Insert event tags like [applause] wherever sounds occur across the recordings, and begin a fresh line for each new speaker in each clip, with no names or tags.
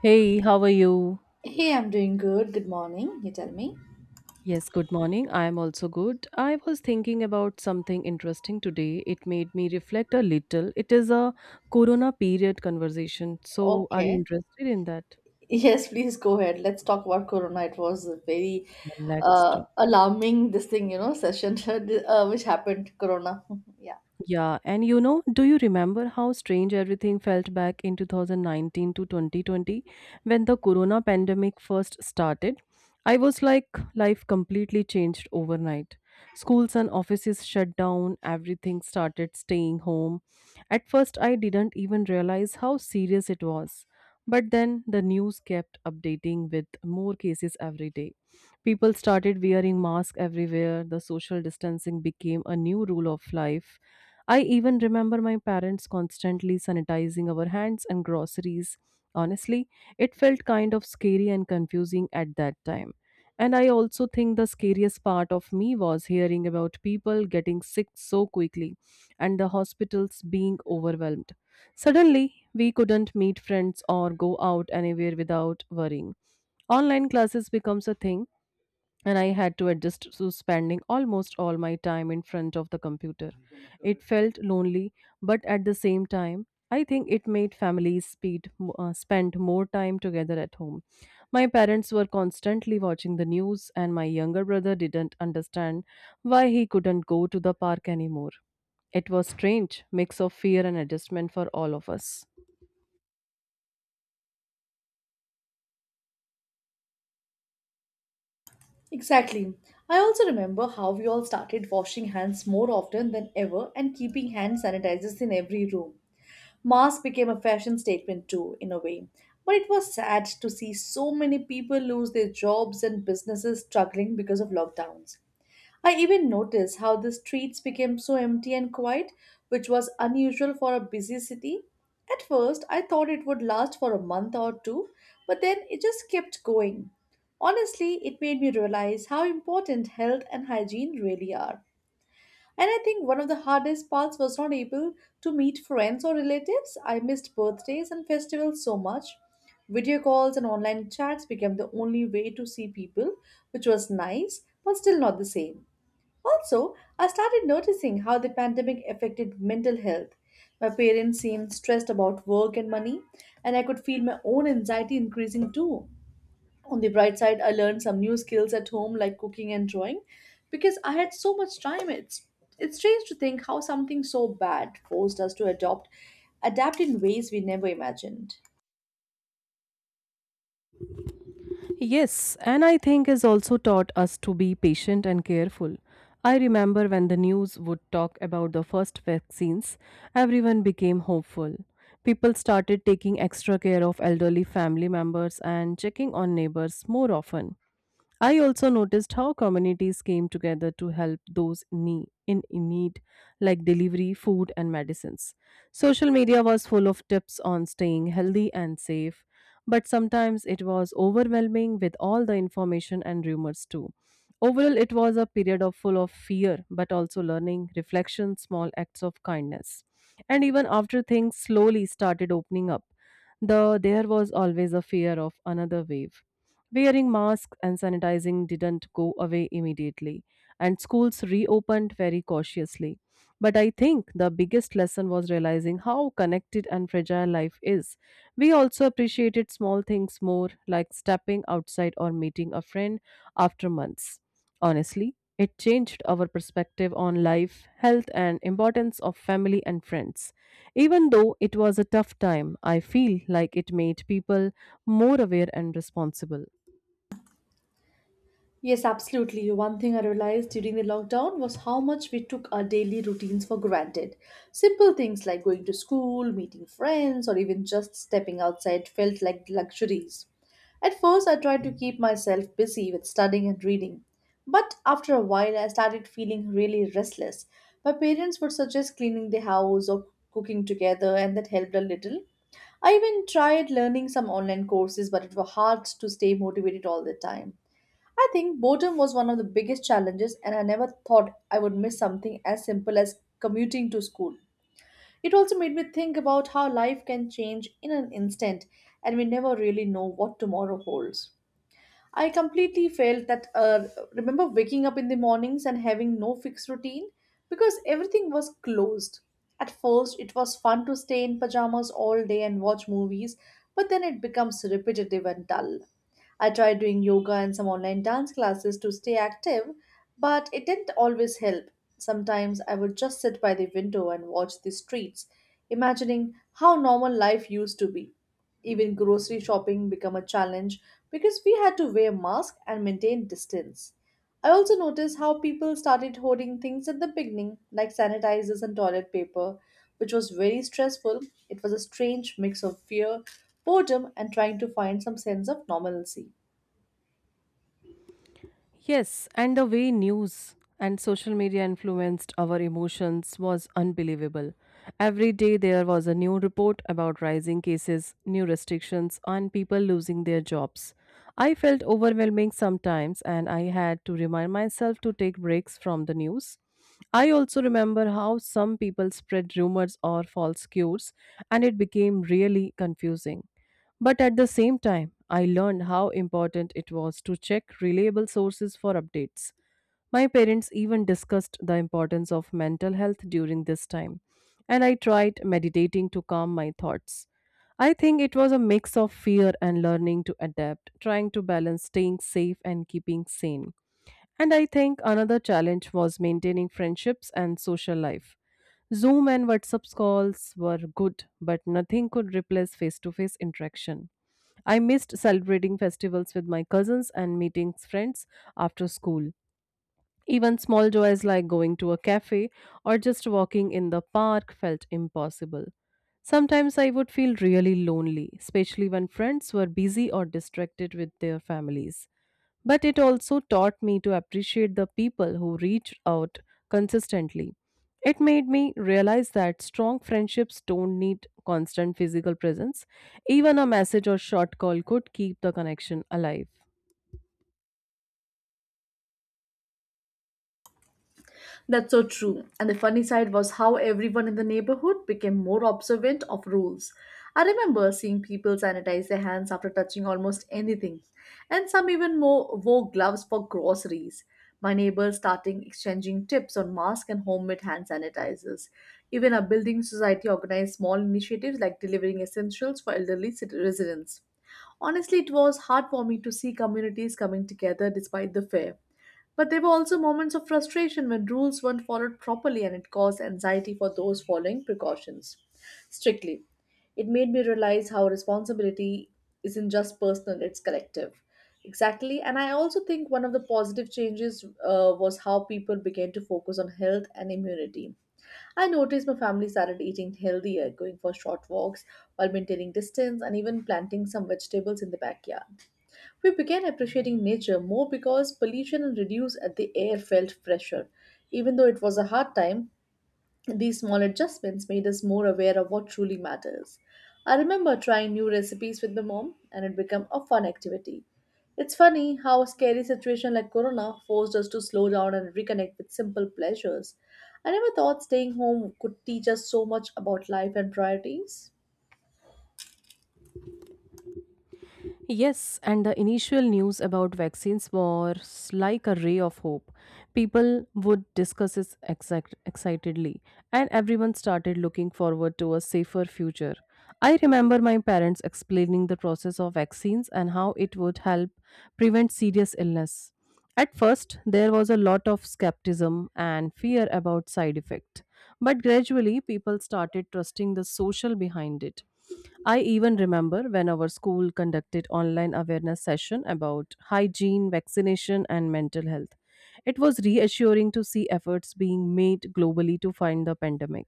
Hey, how are you?
Hey, I'm doing good. Good morning. You tell me.
Yes, good morning. I am also good. I was thinking about something interesting today. It made me reflect a little. It is a corona period conversation. So, are you
Okay.
interested in that?
Yes, please go ahead. Let's talk about Corona. It was a very
Then let's talk.
alarming this thing, session [laughs] which happened. Corona. [laughs] Yeah.
Yeah, and you know, do you remember how strange everything felt back in 2019 to 2020 when the corona pandemic first started? I was like, life completely changed overnight. Schools and offices shut down, everything started staying home. At first, I didn't even realize how serious it was. But then the news kept updating with more cases every day. People started wearing masks everywhere, the social distancing became a new rule of life. I even remember my parents constantly sanitizing our hands and groceries. Honestly, it felt kind of scary and confusing at that time. And I also think the scariest part of me was hearing about people getting sick so quickly and the hospitals being overwhelmed. Suddenly, we couldn't meet friends or go out anywhere without worrying. Online classes becomes a thing and I had to adjust to spending almost all my time in front of the computer. It felt lonely, but at the same time, I think it made families spend more time together at home. My parents were constantly watching the news, and my younger brother didn't understand why he couldn't go to the park anymore. It was strange mix of fear and adjustment for all of us.
Exactly. I also remember how we all started washing hands more often than ever and keeping hand sanitizers in every room. Mask became a fashion statement too, in a way. But it was sad to see so many people lose their jobs and businesses struggling because of lockdowns. I even noticed how the streets became so empty and quiet, which was unusual for a busy city. At first, I thought it would last for a month or two, but then it just kept going. Honestly, it made me realize how important health and hygiene really are. And I think one of the hardest parts was not able to meet friends or relatives. I missed birthdays and festivals so much. Video calls and online chats became the only way to see people, which was nice, but still not the same. Also, I started noticing how the pandemic affected mental health. My parents seemed stressed about work and money, and I could feel my own anxiety increasing too. On the bright side, I learned some new skills at home like cooking and drawing because I had so much time. It's strange to think how something so bad forced us to adopt adapt in ways we never imagined.
Yes, and I think has also taught us to be patient and careful. I remember when the news would talk about the first vaccines, everyone became hopeful. People started taking extra care of elderly family members and checking on neighbors more often. I also noticed how communities came together to help those in need, like delivery, food, and medicines. Social media was full of tips on staying healthy and safe, but sometimes it was overwhelming with all the information and rumors too. Overall, it was a period of full of fear, but also learning, reflection, small acts of kindness. And even after things slowly started opening up, there was always a fear of another wave. Wearing masks and sanitizing didn't go away immediately, and schools reopened very cautiously. But I think the biggest lesson was realizing how connected and fragile life is. We also appreciated small things more, like stepping outside or meeting a friend after months. Honestly, it changed our perspective on life, health, and importance of family and friends. Even though it was a tough time, I feel like it made people more aware and responsible.
Yes, absolutely. One thing I realized during the lockdown was how much we took our daily routines for granted. Simple things like going to school, meeting friends, or even just stepping outside felt like luxuries. At first, I tried to keep myself busy with studying and reading, but after a while, I started feeling really restless. My parents would suggest cleaning the house or cooking together, and that helped a little. I even tried learning some online courses, but it was hard to stay motivated all the time. I think boredom was one of the biggest challenges, and I never thought I would miss something as simple as commuting to school. It also made me think about how life can change in an instant, and we never really know what tomorrow holds. I completely felt that. Remember waking up in the mornings and having no fixed routine because everything was closed. At first, it was fun to stay in pajamas all day and watch movies, but then it becomes repetitive and dull. I tried doing yoga and some online dance classes to stay active, but it didn't always help. Sometimes I would just sit by the window and watch the streets, imagining how normal life used to be. Even grocery shopping became a challenge because we had to wear masks and maintain distance. I also noticed how people started hoarding things at the beginning, like sanitizers and toilet paper, which was very stressful. It was a strange mix of fear, boredom, and trying to find some sense of normalcy.
Yes, and the way news and social media influenced our emotions was unbelievable. Every day there was a new report about rising cases, new restrictions, and people losing their jobs. I felt overwhelming sometimes, and I had to remind myself to take breaks from the news. I also remember how some people spread rumors or false cures, and it became really confusing. But at the same time, I learned how important it was to check reliable sources for updates. My parents even discussed the importance of mental health during this time, and I tried meditating to calm my thoughts. I think it was a mix of fear and learning to adapt, trying to balance staying safe and keeping sane. And I think another challenge was maintaining friendships and social life. Zoom and WhatsApp calls were good, but nothing could replace face to face interaction. I missed celebrating festivals with my cousins and meeting friends after school. Even small joys like going to a cafe or just walking in the park felt impossible. Sometimes I would feel really lonely, especially when friends were busy or distracted with their families. But it also taught me to appreciate the people who reach out consistently. It made me realize that strong friendships don't need constant physical presence. Even a message or short call could keep the connection alive.
That's so true. And the funny side was how everyone in the neighborhood became more observant of rules. I remember seeing people sanitize their hands after touching almost anything, and some even more wore gloves for groceries. My neighbors starting exchanging tips on masks and homemade hand sanitizers. Even our building society organized small initiatives like delivering essentials for elderly residents. Honestly, it was heartwarming to see communities coming together despite the fear. But there were also moments of frustration when rules weren't followed properly and it caused anxiety for those following precautions strictly. It made me realize how responsibility isn't just personal, it's collective. Exactly, and I also think one of the positive changes was how people began to focus on health and immunity. I noticed my family started eating healthier, going for short walks while maintaining distance, and even planting some vegetables in the backyard. We began appreciating nature more because pollution reduced at the air felt fresher. Even though it was a hard time, these small adjustments made us more aware of what truly matters. I remember trying new recipes with my mom and it became a fun activity. It's funny how a scary situation like Corona forced us to slow down and reconnect with simple pleasures. I never thought staying home could teach us so much about life and priorities.
Yes, and the initial news about vaccines was like a ray of hope. People would discuss it excitedly, and everyone started looking forward to a safer future. I remember my parents explaining the process of vaccines and how it would help prevent serious illness. At first, there was a lot of skepticism and fear about side effect, but gradually people started trusting the social behind it. I even remember when our school conducted online awareness session about hygiene, vaccination and mental health. It was reassuring to see efforts being made globally to find the pandemic.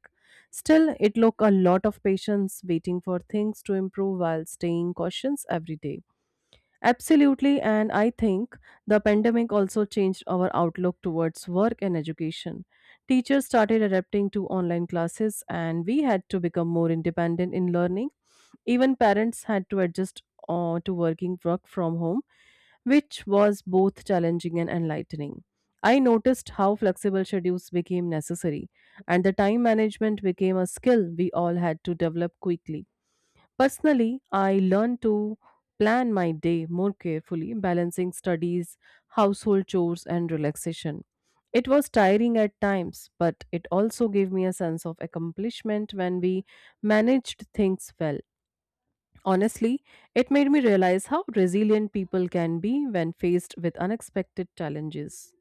Still, it took a lot of patience waiting for things to improve while staying cautious every day. Absolutely, and I think the pandemic also changed our outlook towards work and education. Teachers started adapting to online classes, and we had to become more independent in learning. Even parents had to adjust to work from home, which was both challenging and enlightening. I noticed how flexible schedules became necessary, and the time management became a skill we all had to develop quickly. Personally, I learned to plan my day more carefully, balancing studies, household chores, and relaxation. It was tiring at times, but it also gave me a sense of accomplishment when we managed things well. Honestly, it made me realize how resilient people can be when faced with unexpected challenges.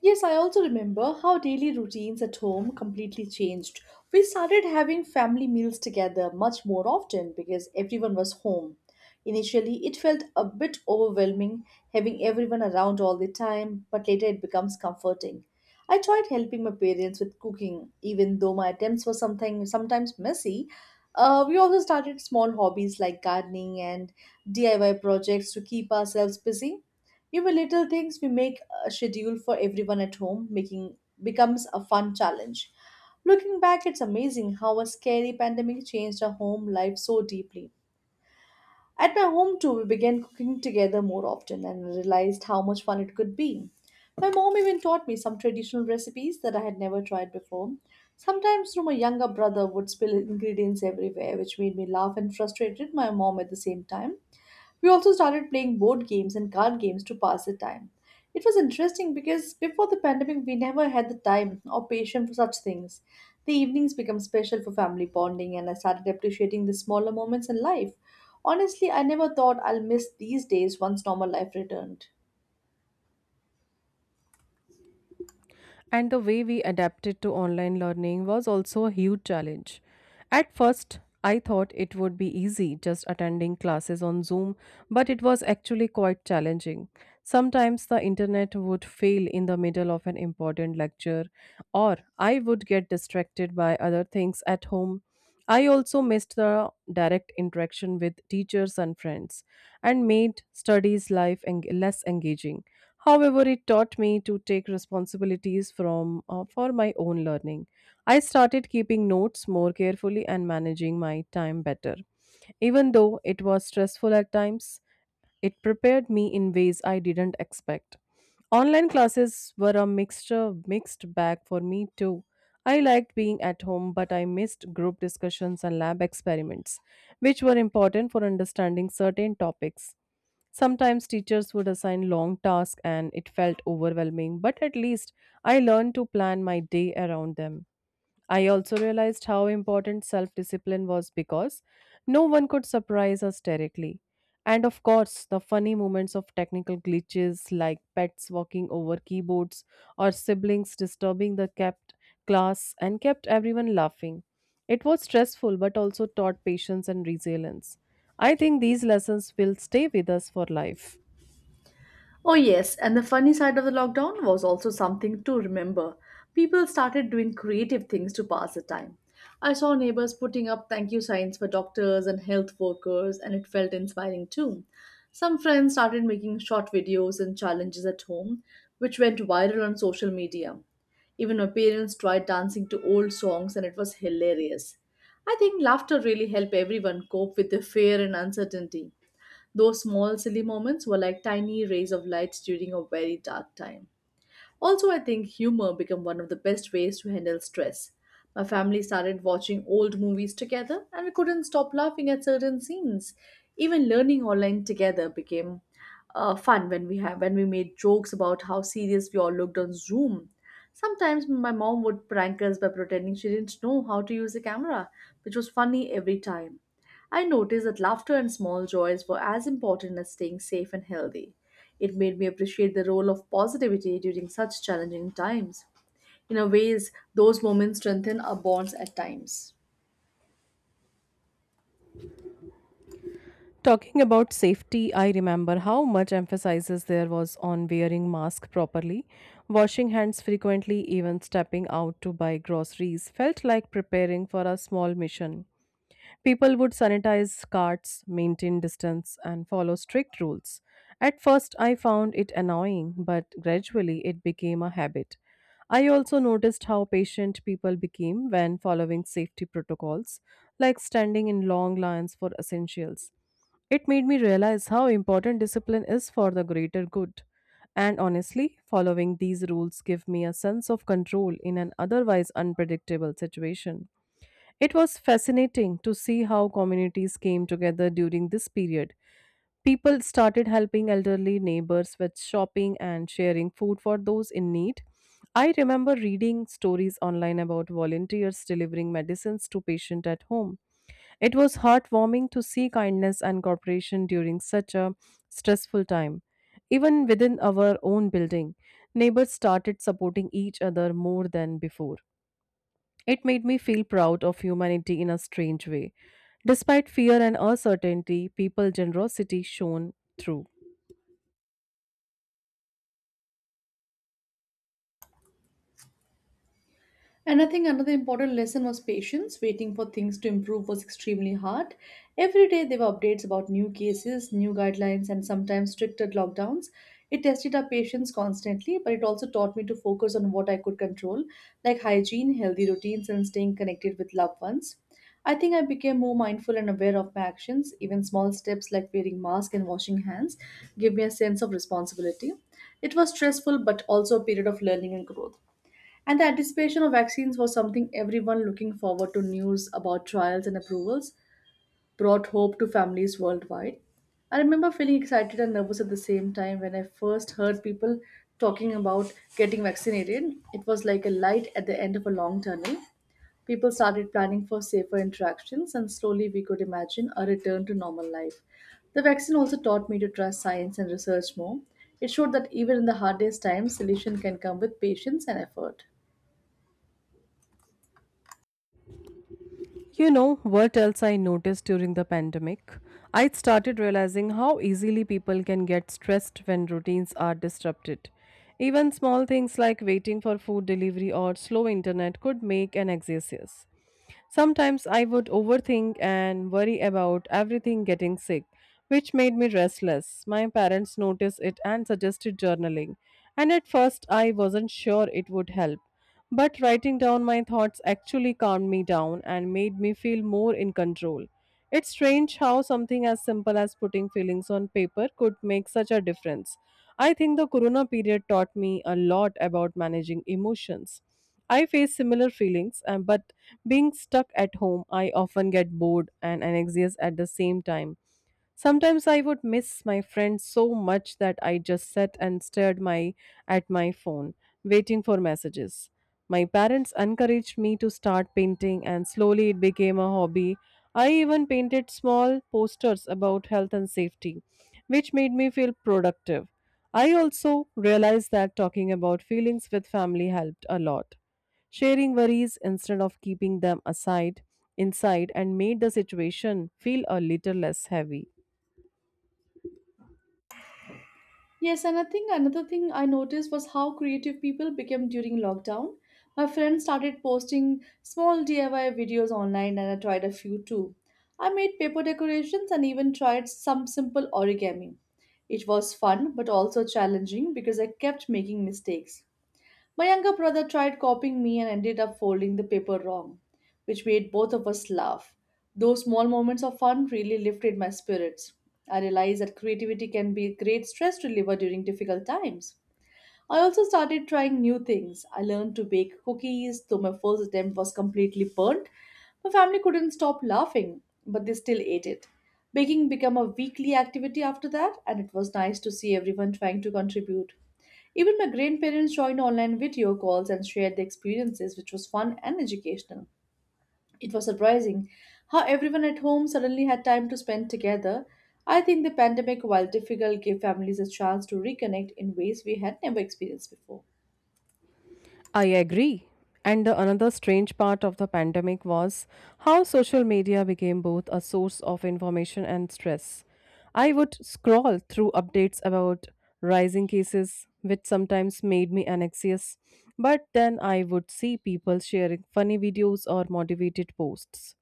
Yes, I also remember how daily routines at home completely changed. We started having family meals together much more often because everyone was home. Initially, it felt a bit overwhelming having everyone around all the time, but later it becomes comforting. I tried helping my parents with cooking, even though my attempts were something sometimes messy. We also started small hobbies like gardening and DIY projects to keep ourselves busy. Even little things we make a schedule for everyone at home, making becomes a fun challenge. Looking back, it's amazing how a scary pandemic changed our home life so deeply. At my home, too, we began cooking together more often and realized how much fun it could be. My mom even taught me some traditional recipes that I had never tried before. Sometimes, through my younger brother would spill ingredients everywhere, which made me laugh and frustrated my mom at the same time. We also started playing board games and card games to pass the time. It was interesting because before the pandemic, we never had the time or patience for such things. The evenings become special for family bonding, and I started appreciating the smaller moments in life. Honestly, I never thought I'll miss these days once normal life returned.
And the way we adapted to online learning was also a huge challenge. At first, I thought it would be easy just attending classes on Zoom, but it was actually quite challenging. Sometimes the internet would fail in the middle of an important lecture, or I would get distracted by other things at home. I also missed the direct interaction with teachers and friends and made less engaging. However, it taught me to take responsibilities from for my own learning. I started keeping notes more carefully and managing my time better, even though it was stressful at times, it prepared me in ways I didn't expect. Online classes were a mixture mixed bag for me too. I liked being at home, but I missed group discussions and lab experiments, which were important for understanding certain topics. Sometimes teachers would assign long tasks and it felt overwhelming, but at least I learned to plan my day around them. I also realized how important self discipline was because no one could surprise us directly. And of course, the funny moments of technical glitches like pets walking over keyboards or siblings disturbing the kept class and kept everyone laughing. It was stressful but also taught patience and resilience. I think these lessons will stay with us for life.
Oh, yes, and the funny side of the lockdown was also something to remember. People started doing creative things to pass the time. I saw neighbors putting up thank you signs for doctors and health workers, and it felt inspiring too. Some friends started making short videos and challenges at home, which went viral on social media. Even my parents tried dancing to old songs, and it was hilarious. I think laughter really helped everyone cope with the fear and uncertainty. Those small, silly moments were like tiny rays of light during a very dark time. Also, I think humor became one of the best ways to handle stress. My family started watching old movies together, and we couldn't stop laughing at certain scenes. Even learning online together became fun when we made jokes about how serious we all looked on Zoom. Sometimes my mom would prank us by pretending she didn't know how to use a camera, which was funny every time. I noticed that laughter and small joys were as important as staying safe and healthy. It made me appreciate the role of positivity during such challenging times. In a ways, those moments strengthen our bonds at times.
Talking about safety, I remember how much emphasis there was on wearing mask properly, washing hands frequently, even stepping out to buy groceries felt like preparing for a small mission. People would sanitize carts, maintain distance, and follow strict rules. At first, I found it annoying, but gradually it became a habit. I also noticed how patient people became when following safety protocols, like standing in long lines for essentials. It made me realize how important discipline is for the greater good. And honestly, following these rules give me a sense of control in an otherwise unpredictable situation. It was fascinating to see how communities came together during this period. People started helping elderly neighbors with shopping and sharing food for those in need. I remember reading stories online about volunteers delivering medicines to patients at home. It was heartwarming to see kindness and cooperation during such a stressful time. Even within our own building, neighbors started supporting each other more than before. It made me feel proud of humanity in a strange way. Despite fear and uncertainty, people generosity shone through.
And I think another important lesson was patience. Waiting for things to improve was extremely hard. Every day there were updates about new cases, new guidelines, and sometimes stricter lockdowns. It tested our patience constantly, but it also taught me to focus on what I could control, like hygiene, healthy routines, and staying connected with loved ones. I think I became more mindful and aware of my actions. Even small steps like wearing masks and washing hands gave me a sense of responsibility. It was stressful, but also a period of learning and growth. And the anticipation of vaccines was something everyone looking forward to news about trials and approvals brought hope to families worldwide. I remember feeling excited and nervous at the same time when I first heard people talking about getting vaccinated. It was like a light at the end of a long tunnel. People started planning for safer interactions, and slowly we could imagine a return to normal life. The vaccine also taught me to trust science and research more. It showed that even in the hardest times, solution can come with patience and effort.
You know what else I noticed during the pandemic? I started realizing how easily people can get stressed when routines are disrupted. Even small things like waiting for food delivery or slow internet could make an excess. Sometimes I would overthink and worry about everything getting sick, which made me restless. My parents noticed it and suggested journaling, and at first I wasn't sure it would help. But writing down my thoughts actually calmed me down and made me feel more in control. It's strange how something as simple as putting feelings on paper could make such a difference. I think the corona period taught me a lot about managing emotions. I face similar feelings, but being stuck at home, I often get bored and anxious at the same time. Sometimes I would miss my friends so much that I just sat and stared my at my phone, waiting for messages. My parents encouraged me to start painting and slowly it became a hobby. I even painted small posters about health and safety, which made me feel productive. I also realized that talking about feelings with family helped a lot. Sharing worries instead of keeping them aside inside and made the situation feel a little less heavy.
Yes, and I think another thing I noticed was how creative people became during lockdown. My friend started posting small DIY videos online, and I tried a few too. I made paper decorations and even tried some simple origami. It was fun but also challenging because I kept making mistakes. My younger brother tried copying me and ended up folding the paper wrong, which made both of us laugh. Those small moments of fun really lifted my spirits. I realized that creativity can be a great stress reliever during difficult times. I also started trying new things. I learned to bake cookies, though my first attempt was completely burnt. My family couldn't stop laughing, but they still ate it. Baking became a weekly activity after that, and it was nice to see everyone trying to contribute. Even my grandparents joined online video calls and shared their experiences, which was fun and educational. It was surprising how everyone at home suddenly had time to spend together. I think the pandemic, while difficult, gave families a chance to reconnect in ways we had never experienced before.
I agree. And the another strange part of the pandemic was how social media became both a source of information and stress. I would scroll through updates about rising cases, which sometimes made me anxious, but then I would see people sharing funny videos or motivated posts.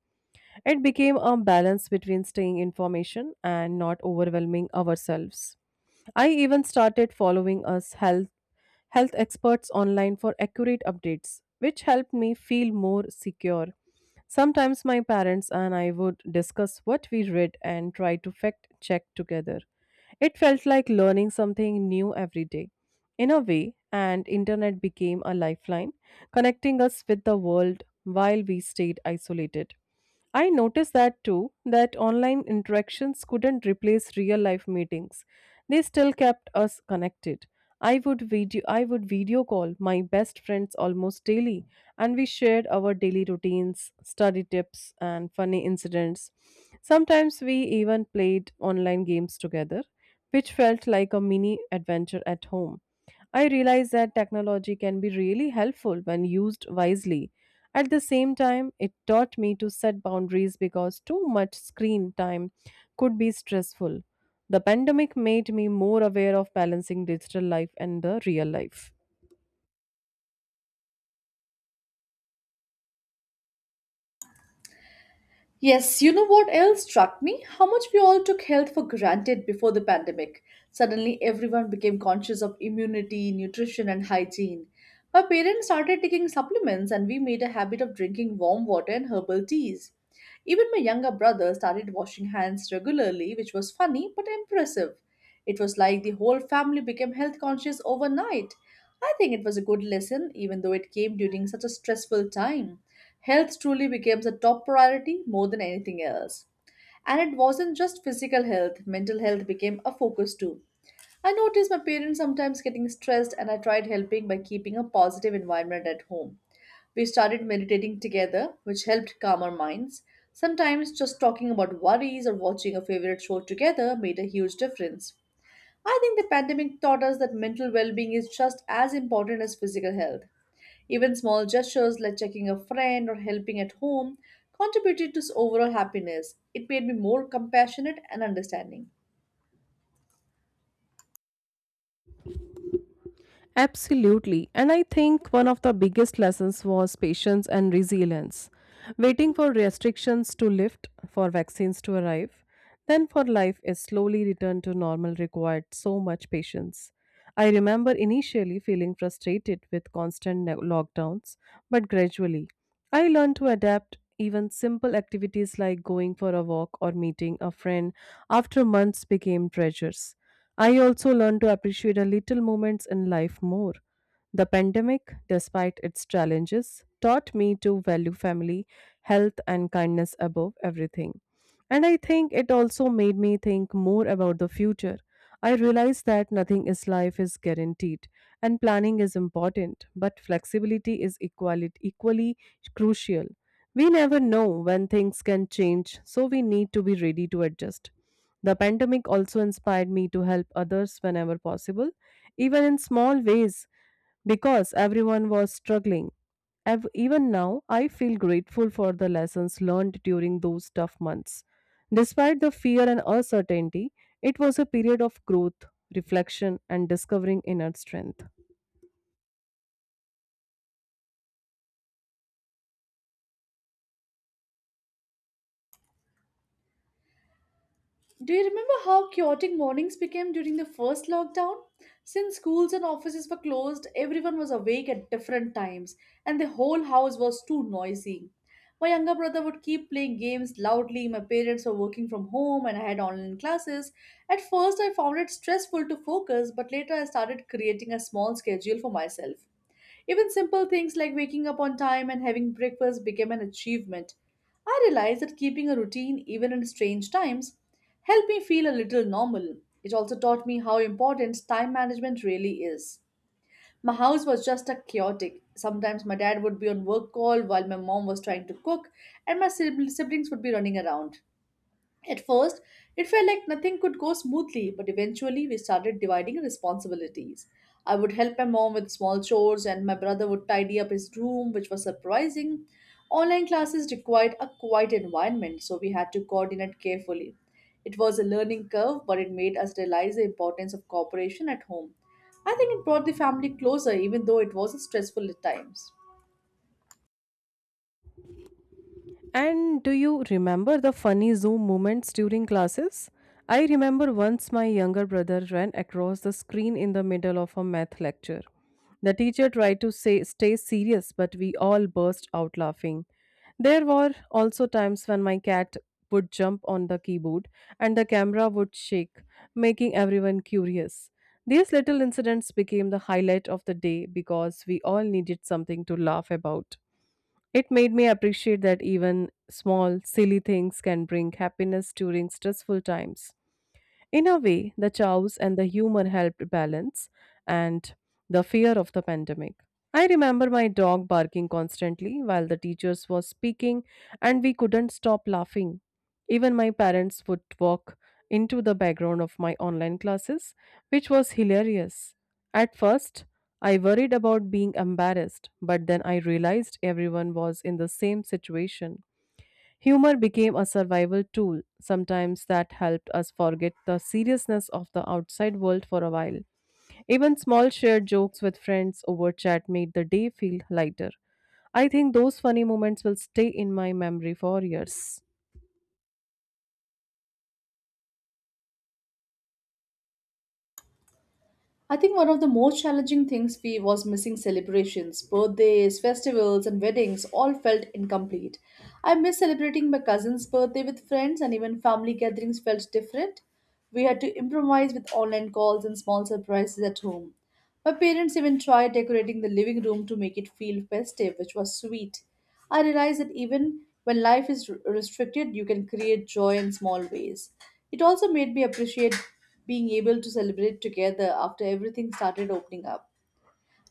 It became a balance between staying information and not overwhelming ourselves. I even started following us health experts online for accurate updates, which helped me feel more secure. Sometimes my parents and I would discuss what we read and try to fact check together. It felt like learning something new every day. In a way, and internet became a lifeline, connecting us with the world while we stayed isolated. I noticed that too, that online interactions couldn't replace real life meetings. They still kept us connected. I would video call my best friends almost daily and we shared our daily routines, study tips and funny incidents. Sometimes we even played online games together, which felt like a mini adventure at home. I realized that technology can be really helpful when used wisely at the same time, it taught me to set boundaries because too much screen time could be stressful. The pandemic made me more aware of balancing digital life and the real life.
Yes, you know what else struck me? How much we all took health for granted before the pandemic. Suddenly, everyone became conscious of immunity, nutrition, and hygiene. My parents started taking supplements, and we made a habit of drinking warm water and herbal teas. Even my younger brother started washing hands regularly, which was funny but impressive. It was like the whole family became health conscious overnight. I think it was a good lesson, even though it came during such a stressful time. Health truly becomes a top priority more than anything else. And it wasn't just physical health, mental health became a focus too. I noticed my parents sometimes getting stressed, and I tried helping by keeping a positive environment at home. We started meditating together, which helped calm our minds. Sometimes just talking about worries or watching a favorite show together made a huge difference. I think the pandemic taught us that mental well being is just as important as physical health. Even small gestures like checking a friend or helping at home contributed to overall happiness. It made me more compassionate and understanding.
Absolutely. And I think one of the biggest lessons was patience and resilience. Waiting for restrictions to lift, for vaccines to arrive, then for life is slowly returned to normal required so much patience. I remember initially feeling frustrated with constant lockdowns, but gradually I learned to adapt even simple activities like going for a walk or meeting a friend after months became treasures. I also learned to appreciate the little moments in life more. The pandemic, despite its challenges, taught me to value family, health, and kindness above everything. And I think it also made me think more about the future. I realized that nothing in life is guaranteed, and planning is important, but flexibility is equally crucial. We never know when things can change, so we need to be ready to adjust. The pandemic also inspired me to help others whenever possible, even in small ways, because everyone was struggling. Even now, I feel grateful for the lessons learned during those tough months. Despite the fear and uncertainty, it was a period of growth, reflection, and discovering inner strength.
Do you remember how chaotic mornings became during the first lockdown? Since schools and offices were closed, everyone was awake at different times, and the whole house was too noisy. My younger brother would keep playing games loudly, my parents were working from home, and I had online classes. At first, I found it stressful to focus, but later I started creating a small schedule for myself. Even simple things like waking up on time and having breakfast became an achievement. I realized that keeping a routine, even in strange times, helped me feel a little normal. It also taught me how important time management really is. My house was just a chaotic. Sometimes my dad would be on work call while my mom was trying to cook, and my siblings would be running around. At first, it felt like nothing could go smoothly, but eventually we started dividing responsibilities. I would help my mom with small chores, and my brother would tidy up his room, which was surprising. Online classes required a quiet environment, so we had to coordinate carefully. It was a learning curve, but it made us realize the importance of cooperation at home. I think it brought the family closer, even though it was stressful at times.
And do you remember the funny Zoom moments during classes? I remember once my younger brother ran across the screen in the middle of a math lecture. The teacher tried to say stay serious, but we all burst out laughing. There were also times when my cat would jump on the keyboard and the camera would shake, making everyone curious. These little incidents became the highlight of the day because we all needed something to laugh about. It made me appreciate that even small, silly things can bring happiness during stressful times. In a way, the chows and the humor helped balance and the fear of the pandemic. I remember my dog barking constantly while the teachers was speaking and we couldn't stop laughing. Even my parents would walk into the background of my online classes, which was hilarious. At first, I worried about being embarrassed, but then I realized everyone was in the same situation. Humor became a survival tool. Sometimes that helped us forget the seriousness of the outside world for a while. Even small shared jokes with friends over chat made the day feel lighter. I think those funny moments will stay in my memory for years.
I think one of the most challenging things we was missing celebrations, birthdays, festivals, and weddings all felt incomplete. I miss celebrating my cousin's birthday with friends, and even family gatherings felt different. We had to improvise with online calls and small surprises at home. My parents even tried decorating the living room to make it feel festive, which was sweet. I realized that even when life is restricted, you can create joy in small ways. It also made me appreciate being able to celebrate together after everything started opening up.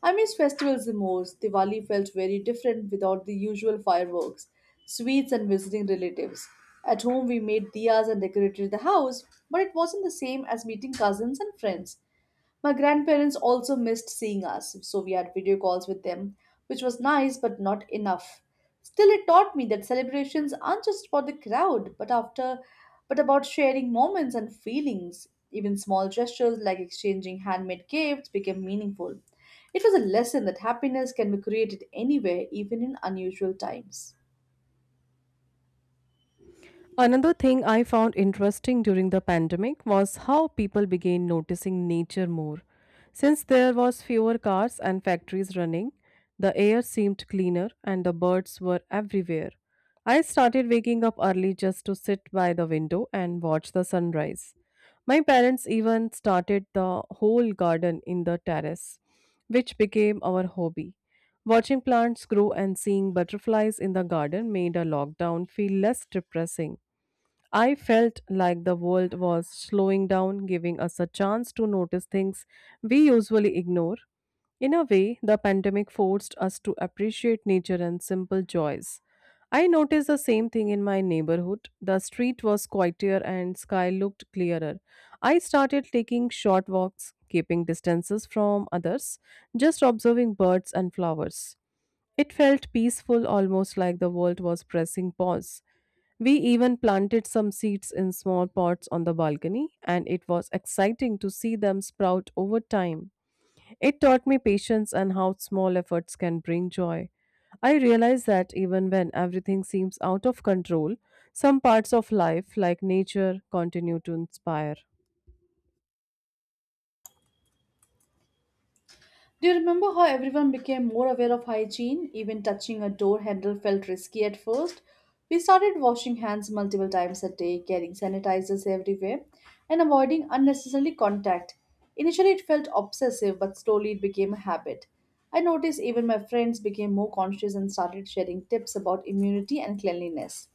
I miss festivals the most. Diwali felt very different without the usual fireworks, sweets, and visiting relatives. At home, we made diyas and decorated the house, but it wasn't the same as meeting cousins and friends. My grandparents also missed seeing us, so we had video calls with them, which was nice but not enough. Still, it taught me that celebrations aren't just about the crowd, but about sharing moments and feelings. Even small gestures like exchanging handmade gifts became meaningful. It was a lesson that happiness can be created anywhere, even in unusual times.
Another thing I found interesting during the pandemic was how people began noticing nature more. Since there was fewer cars and factories running, the air seemed cleaner and the birds were everywhere. I started waking up early just to sit by the window and watch the sunrise. My parents even started the whole garden in the terrace, which became our hobby. Watching plants grow and seeing butterflies in the garden made a lockdown feel less depressing. I felt like the world was slowing down, giving us a chance to notice things we usually ignore. In a way, the pandemic forced us to appreciate nature and simple joys. I noticed the same thing in my neighborhood. The street was quieter and sky looked clearer. I started taking short walks, keeping distances from others, just observing birds and flowers. It felt peaceful, almost like the world was pressing pause. We even planted some seeds in small pots on the balcony, and it was exciting to see them sprout over time. It taught me patience and how small efforts can bring joy. I realized that even when everything seems out of control, some parts of life, like nature, continue to inspire.
Do you remember how everyone became more aware of hygiene? Even touching a door handle felt risky at first. We started washing hands multiple times a day, carrying sanitizers everywhere, and avoiding unnecessary contact. Initially, it felt obsessive, but slowly it became a habit. I noticed even my friends became more conscious and started sharing tips about immunity and cleanliness.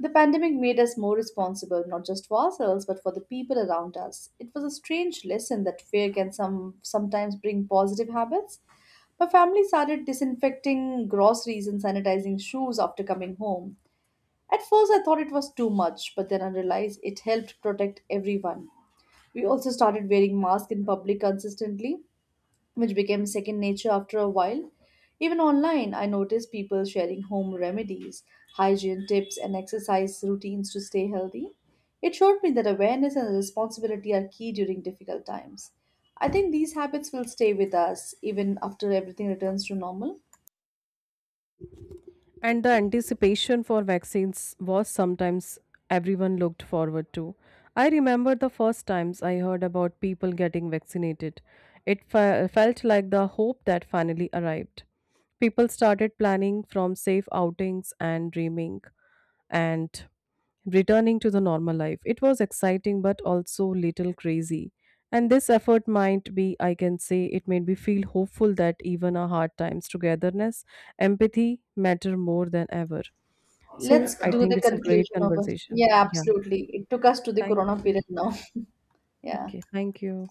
The pandemic made us more responsible, not just for ourselves, but for the people around us. It was a strange lesson that fear can sometimes bring positive habits. My family started disinfecting groceries and sanitizing shoes after coming home. At first, I thought it was too much, but then I realized it helped protect everyone. We also started wearing masks in public consistently, which became second nature after a while. Even online, I noticed people sharing home remedies, hygiene tips, and exercise routines to stay healthy. It showed me that awareness and responsibility are key during difficult times. I think these habits will stay with us even after everything returns to normal.
And the anticipation for vaccines was sometimes everyone looked forward to. I remember the first times I heard about people getting vaccinated. It felt like the hope that finally arrived. People started planning from safe outings and dreaming and returning to the normal life. It was exciting but also little crazy. And this effort might be, I can say, it made me feel hopeful that even our hard times, togetherness, empathy matter more than ever.
Let's
So I
do
think
the
it's a great
conclusion of a
conversation.
yeah,
Yeah.
absolutely. It took
Okay,
us to the
thank
corona
you.
period now. [laughs] Yeah.
Okay. Thank you.